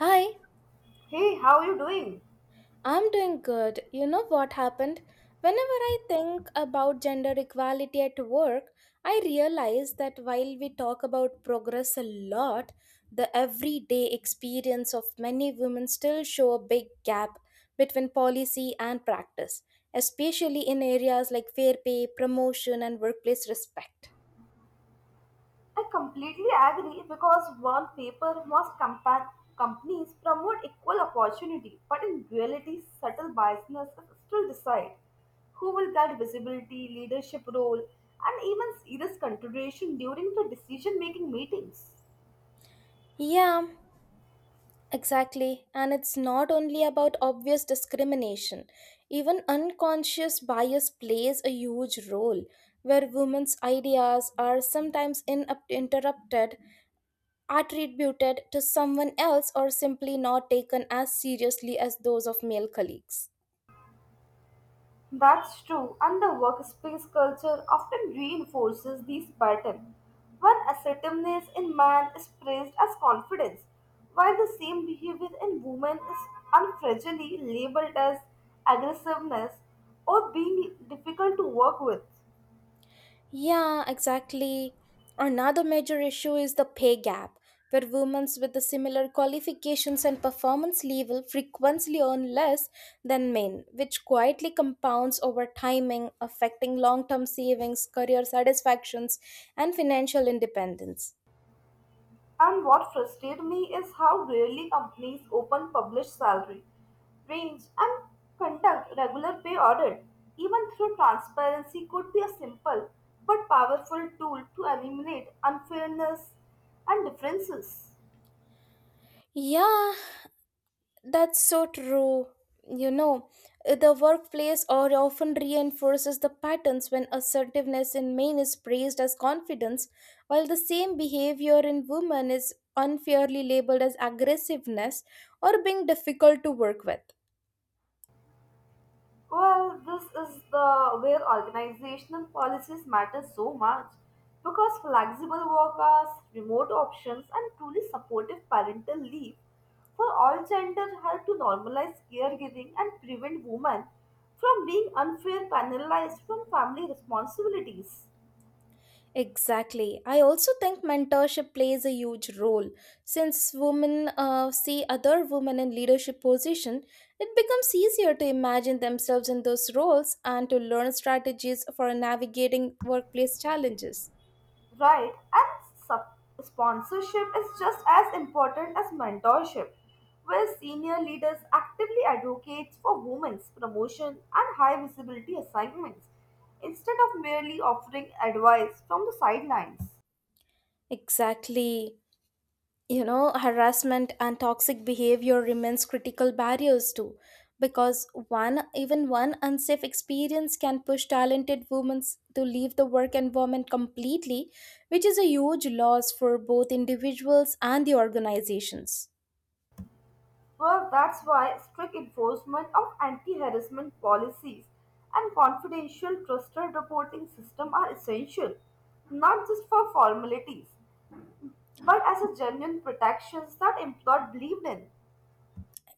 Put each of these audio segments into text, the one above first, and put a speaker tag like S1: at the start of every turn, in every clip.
S1: Hi,
S2: Hey, how are you doing?
S1: I'm doing good. You know what happened? Whenever I think about gender equality at work, I realize that while we talk about progress a lot, the everyday experience of many women still show a big gap between policy and practice, especially in areas like fair pay, promotion, and workplace respect.
S2: I completely agree because one paper must companies promote equal opportunity, but in reality, subtle biasness still decide who will get visibility, leadership role, and even serious consideration during the decision-making meetings.
S1: Yeah, exactly, and it's not only about obvious discrimination. Even unconscious bias plays a huge role, where women's ideas are sometimes interrupted, attributed to someone else, or simply not taken as seriously as those of male colleagues.
S2: That's true, and the workspace culture often reinforces these patterns. When assertiveness in man is praised as confidence, while the same behavior in women is unfragilely labeled as aggressiveness or being difficult to work with.
S1: Yeah, exactly. Another major issue is the pay gap, where women with the similar qualifications and performance level frequently earn less than men, which quietly compounds over timing, affecting long term savings, career satisfactions, and financial independence.
S2: And what frustrated me is how rarely companies open published salary, range, and conduct regular pay audit. Even through transparency could be a simple but powerful tool to eliminate unfairness and differences.
S1: Yeah, that's so true. You know, the workplace or often reinforces the patterns when assertiveness in men is praised as confidence, while the same behavior in women is unfairly labeled as aggressiveness or being difficult to work with.
S2: Well, this is the where organizational policies matter so much because flexible work hours, remote options, and truly supportive parental leave for all gender help to normalize caregiving and prevent women from being unfair penalized from family responsibilities.
S1: Exactly. I also think mentorship plays a huge role. Since women see other women in leadership position, it becomes easier to imagine themselves in those roles and to learn strategies for navigating workplace challenges.
S2: Right, and sponsorship is just as important as mentorship, where senior leaders actively advocate for women's promotion and high visibility assignments instead of merely offering advice from the sidelines.
S1: Exactly. You know, harassment and toxic behavior remains critical barriers too because one unsafe experience can push talented women to leave the work environment completely, which is a huge loss for both individuals and the organizations.
S2: Well, that's why strict enforcement of anti harassment policies and confidential trusted reporting system are essential, not just for formalities, but as a genuine protections that employed believe in.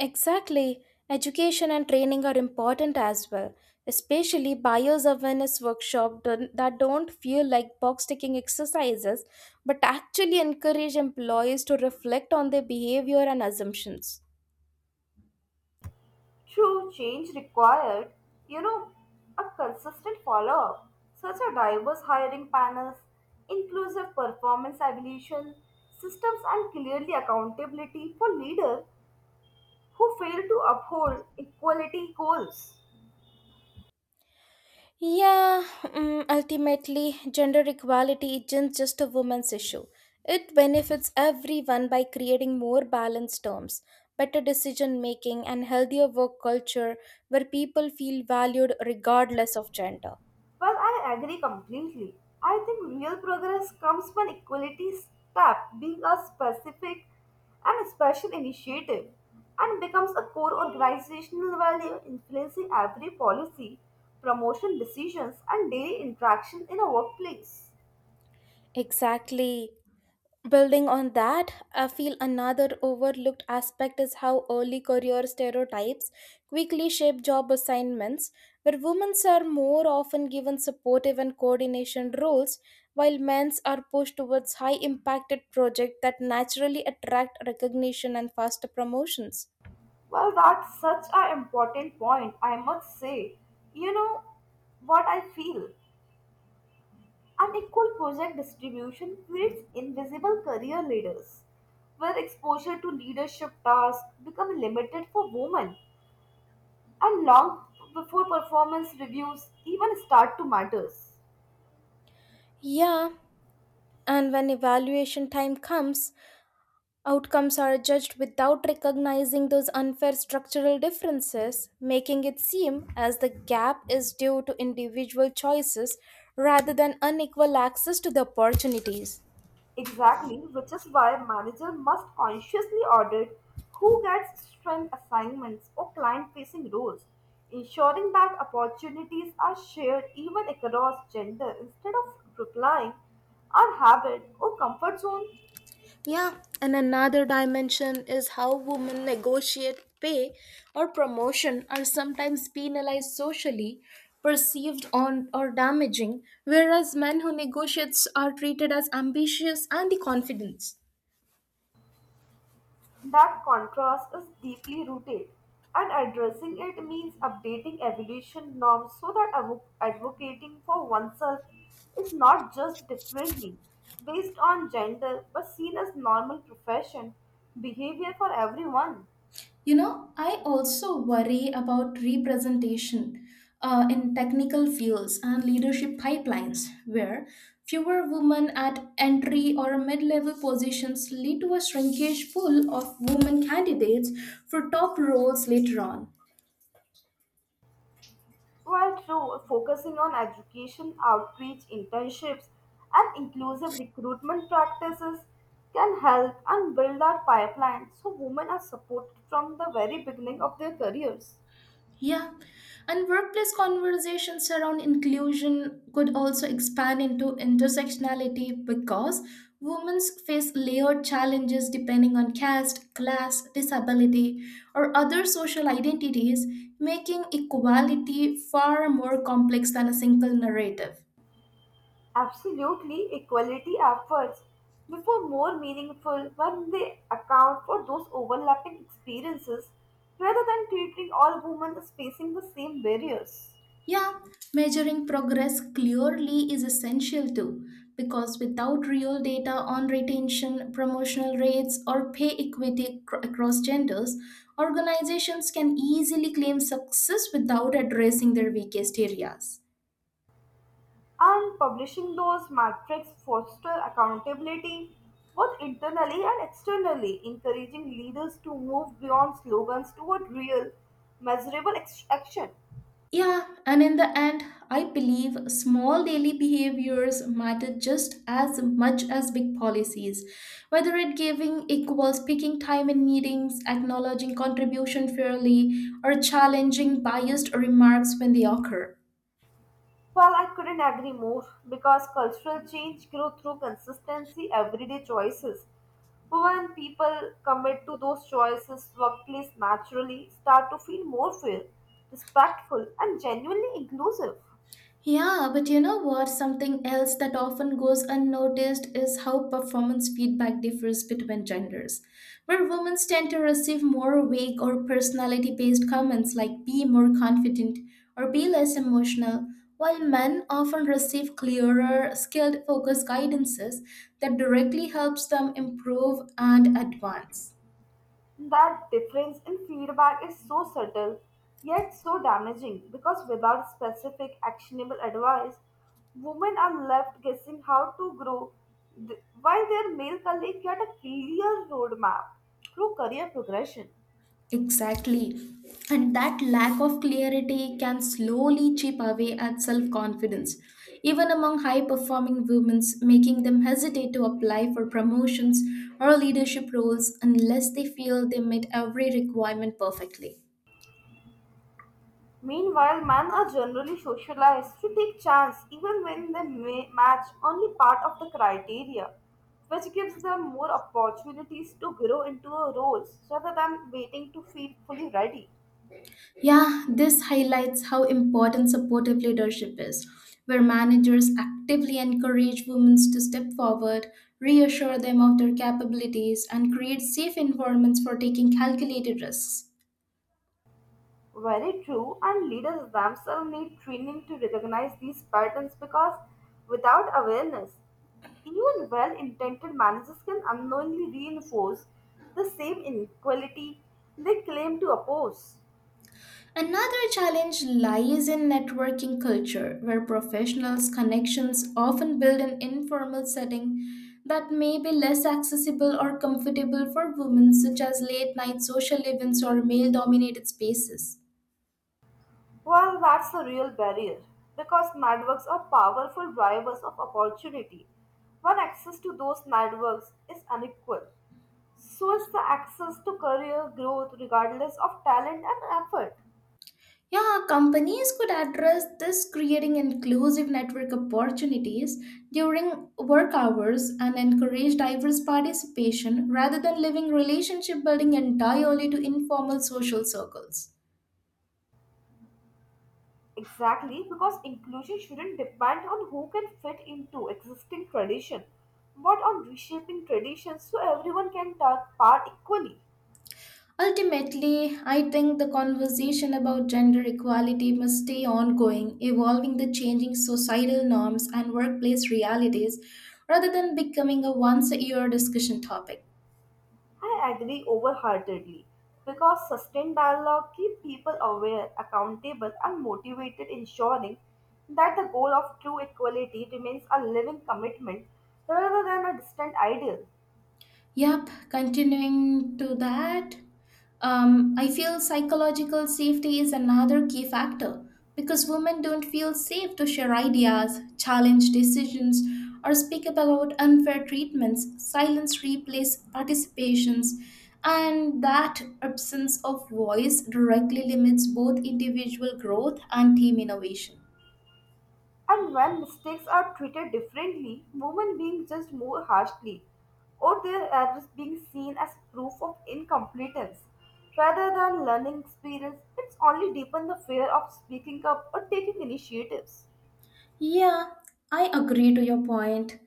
S1: Exactly. Education and training are important as well, especially buyer's awareness workshop that don't feel like box ticking exercises, but actually encourage employees to reflect on their behavior and assumptions.
S2: True change required, you know, a consistent follow up, such as diverse hiring panels, inclusive performance evaluation systems, and clearly accountability for leaders who fail to uphold equality goals.
S1: Yeah, Ultimately, gender equality isn't just a woman's issue. It benefits everyone by creating more balanced terms, better decision making, and healthier work culture where people feel valued regardless of gender.
S2: Well, I agree completely. I think real progress comes when equality stop being a specific and special initiative and becomes a core organizational value influencing every policy, promotion decisions, and daily interaction in a workplace.
S1: Exactly. Building on that, I feel another overlooked aspect is how early career stereotypes quickly shape job assignments, where women are more often given supportive and coordination roles, while men's are pushed towards high impacted projects that naturally attract recognition and faster promotions.
S2: Well, that's such an important point, I must say. You know what I feel? Unequal project distribution creates invisible career leaders, where exposure to leadership tasks become limited for women and long before performance reviews even start to matter.
S1: Yeah, and when evaluation time comes, outcomes are judged without recognizing those unfair structural differences, making it seem as the gap is due to individual choices rather than unequal access to the opportunities.
S2: Exactly, which is why manager must consciously audit who gets strength assignments or client-facing roles, ensuring that opportunities are shared even across gender instead of replying our habit or comfort zone.
S1: Yeah, and another dimension is how women negotiate pay or promotion are sometimes penalized socially, perceived on or damaging, whereas men who negotiate are treated as ambitious and the confident.
S2: That contrast is deeply rooted, and addressing it means updating evolution norms so that advocating for oneself is not just differently based on gender but seen as normal profession behavior for everyone.
S1: You know, I also worry about representation in technical fields and leadership pipelines, where fewer women at entry or mid level positions lead to a shrinkage pool of women candidates for top roles later on.
S2: While through focusing on education, outreach, internships, and inclusive recruitment practices can help and build our pipeline so women are supported from the very beginning of their careers.
S1: Yeah, and workplace conversations around inclusion could also expand into intersectionality because women face layered challenges depending on caste, class, disability, or other social identities, making equality far more complex than a single narrative.
S2: Absolutely, equality efforts before more meaningful when they account for those overlapping experiences rather than treating all women as facing the same barriers.
S1: Yeah, measuring progress clearly is essential too, because without real data on retention, promotional rates, or pay equity across genders, organizations can easily claim success without addressing their weakest areas.
S2: And publishing those metrics foster accountability both internally and externally, encouraging leaders to move beyond slogans toward real, measurable action.
S1: Yeah, and in the end, I believe small daily behaviors matter just as much as big policies. Whether it giving equal speaking time in meetings, acknowledging contribution fairly, or challenging biased remarks when they occur.
S2: Well, I couldn't agree more because cultural change grows through consistency, everyday choices. When people commit to those choices, workplace naturally start to feel more fair, respectful, and genuinely inclusive.
S1: Yeah, but you know what? Something else that often goes unnoticed is how performance feedback differs between genders, where women tend to receive more vague or personality based comments like be more confident or be less emotional, while men often receive clearer, skilled focused guidances that directly helps them improve and advance.
S2: That difference in feedback is so subtle yet so damaging because without specific actionable advice, women are left guessing how to grow while their male colleagues get a clear roadmap through career progression.
S1: Exactly. And that lack of clarity can slowly chip away at self confidence, even among high performing women, making them hesitate to apply for promotions or leadership roles unless they feel they meet every requirement perfectly.
S2: Meanwhile, men are generally socialized to take chance even when they may match only part of the criteria, which gives them more opportunities to grow into a roles rather than waiting to feel fully ready.
S1: Yeah, this highlights how important supportive leadership is, where managers actively encourage women to step forward, reassure them of their capabilities, and create safe environments for taking calculated risks.
S2: Very true, and leaders themselves need training to recognize these patterns because without awareness, even well intentioned managers can unknowingly reinforce the same inequality they claim to oppose.
S1: Another challenge lies in networking culture, where professionals' connections often build an informal setting that may be less accessible or comfortable for women, such as late night social events or male dominated spaces.
S2: Well, that's the real barrier because networks are powerful drivers of opportunity. When access to those networks is unequal, so is the access to career growth regardless of talent and effort.
S1: Yeah, companies could address this creating inclusive network opportunities during work hours and encourage diverse participation rather than leaving relationship building entirely to informal social circles.
S2: Exactly, because inclusion shouldn't depend on who can fit into existing tradition, but on reshaping traditions so everyone can take part equally.
S1: Ultimately, I think the conversation about gender equality must stay ongoing, evolving the changing societal norms and workplace realities rather than becoming a once a year discussion topic.
S2: I agree wholeheartedly because sustained dialogue keeps people aware, accountable, and motivated, ensuring that the goal of true equality remains a living commitment rather than a distant ideal.
S1: Yep, continuing to that, I feel psychological safety is another key factor because women don't feel safe to share ideas, challenge decisions, or speak about unfair treatments. Silence replaces participations, and that absence of voice directly limits both individual growth and team innovation.
S2: And when mistakes are treated differently, women being judged more harshly, or their errors being seen as proof of incompetence rather than learning experience, it's only deepen the fear of speaking up or taking initiatives.
S1: Yeah, I agree to your point.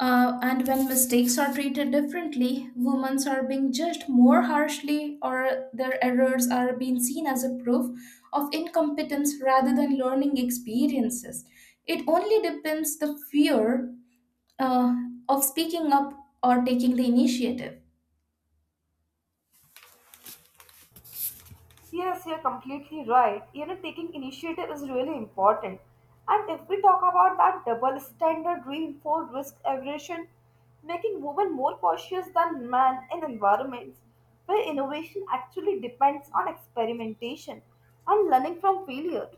S1: And when mistakes are treated differently, women are being judged more harshly, or their errors are being seen as a proof of incompetence rather than learning experiences. It only depends the fear uh, of speaking up or taking the initiative.
S2: Yes, you're completely right. You know, taking initiative is really important. And if we talk about that double standard reinforced risk aversion, making women more cautious than men in environments where innovation actually depends on experimentation and learning from failure.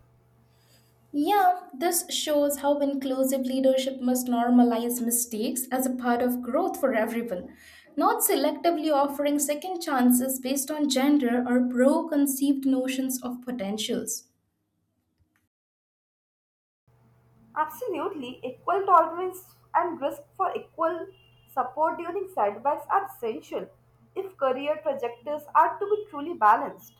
S1: Yeah, this shows how inclusive leadership must normalize mistakes as a part of growth for everyone, not selectively offering second chances based on gender or preconceived notions of potentials.
S2: Absolutely, equal tolerance and risk for equal support during setbacks are essential if career trajectories are to be truly balanced.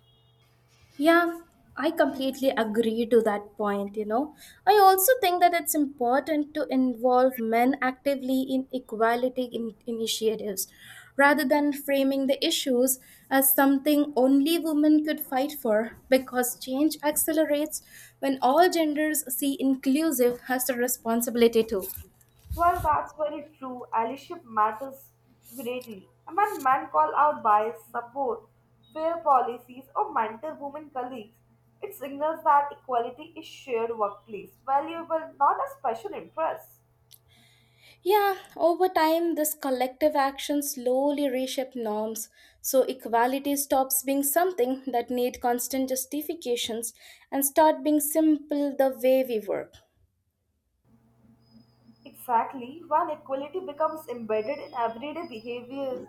S1: Yeah, I completely agree to that point, you know. I also think that it's important to involve men actively in equality initiatives rather than framing the issues as something only women could fight for because change accelerates when all genders see inclusive as a responsibility too.
S2: Well, that's very true. Allyship matters greatly. And when men call out bias, support, fair policies, or mentor women colleagues, it signals that equality is shared workplace, valuable, not a special interest.
S1: Yeah, over time, this collective action slowly reshaped norms, so equality stops being something that need constant justifications and start being simple the way we work.
S2: Exactly, when equality becomes embedded in everyday behavior,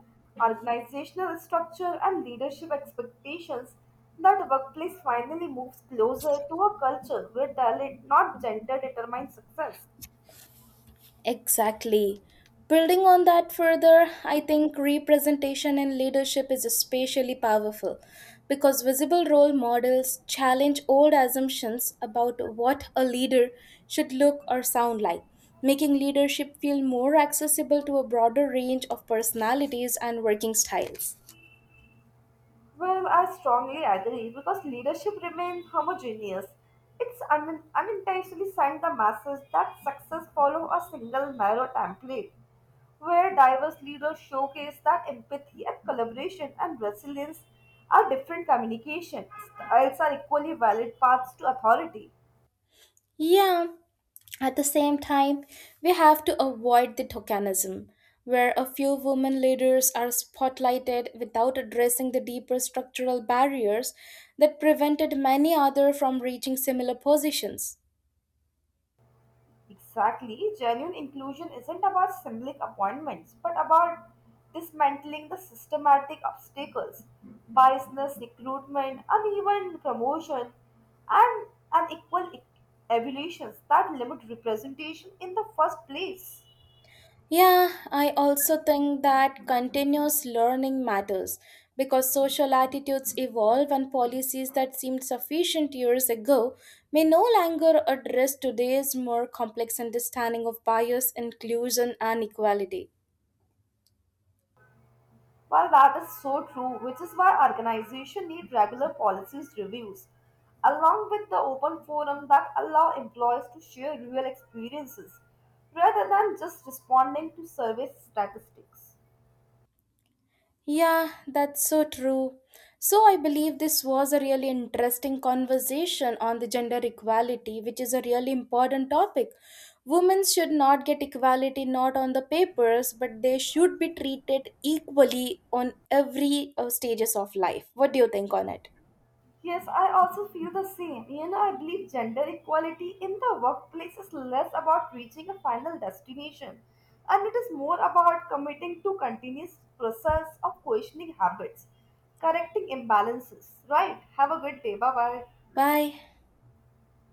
S2: organizational structure, and leadership expectations, that workplace finally moves closer to a culture where talent, not gender, determines success.
S1: Exactly. Building on that further, I think representation in leadership is especially powerful because visible role models challenge old assumptions about what a leader should look or sound like, making leadership feel more accessible to a broader range of personalities and working styles.
S2: Well, I strongly agree because leadership remains homogeneous. It's unintentionally sent the masses that success follow a single narrow template, where diverse leaders showcase that empathy and collaboration and resilience are different communication styles are equally valid paths to authority.
S1: Yeah, at the same time, we have to avoid the tokenism, where a few women leaders are spotlighted without addressing the deeper structural barriers that prevented many others from reaching similar positions.
S2: Exactly. Genuine inclusion isn't about symbolic appointments, but about dismantling the systematic obstacles, biasness, recruitment, uneven promotion, and unequal evaluations that limit representation in the first place.
S1: Yeah, I also think that continuous learning matters because social attitudes evolve and policies that seemed sufficient years ago may no longer address today's more complex understanding of bias, inclusion, and equality.
S2: Well, that is so true, which is why organizations need regular policies reviews, along with the open forum that allow employees to share real experiences rather than just responding to survey statistics.
S1: Yeah, that's so true. So, I believe this was a really interesting conversation on the gender equality, which is a really important topic. Women should not get equality not on the papers, but they should be treated equally on every stages of life. What do you think on it?
S2: Yes, I also feel the same. You know, I believe gender equality in the workplace is less about reaching a final destination and it is more about committing to continuous process of questioning habits, correcting imbalances. Right. Have a good day. Bye bye.
S1: Bye.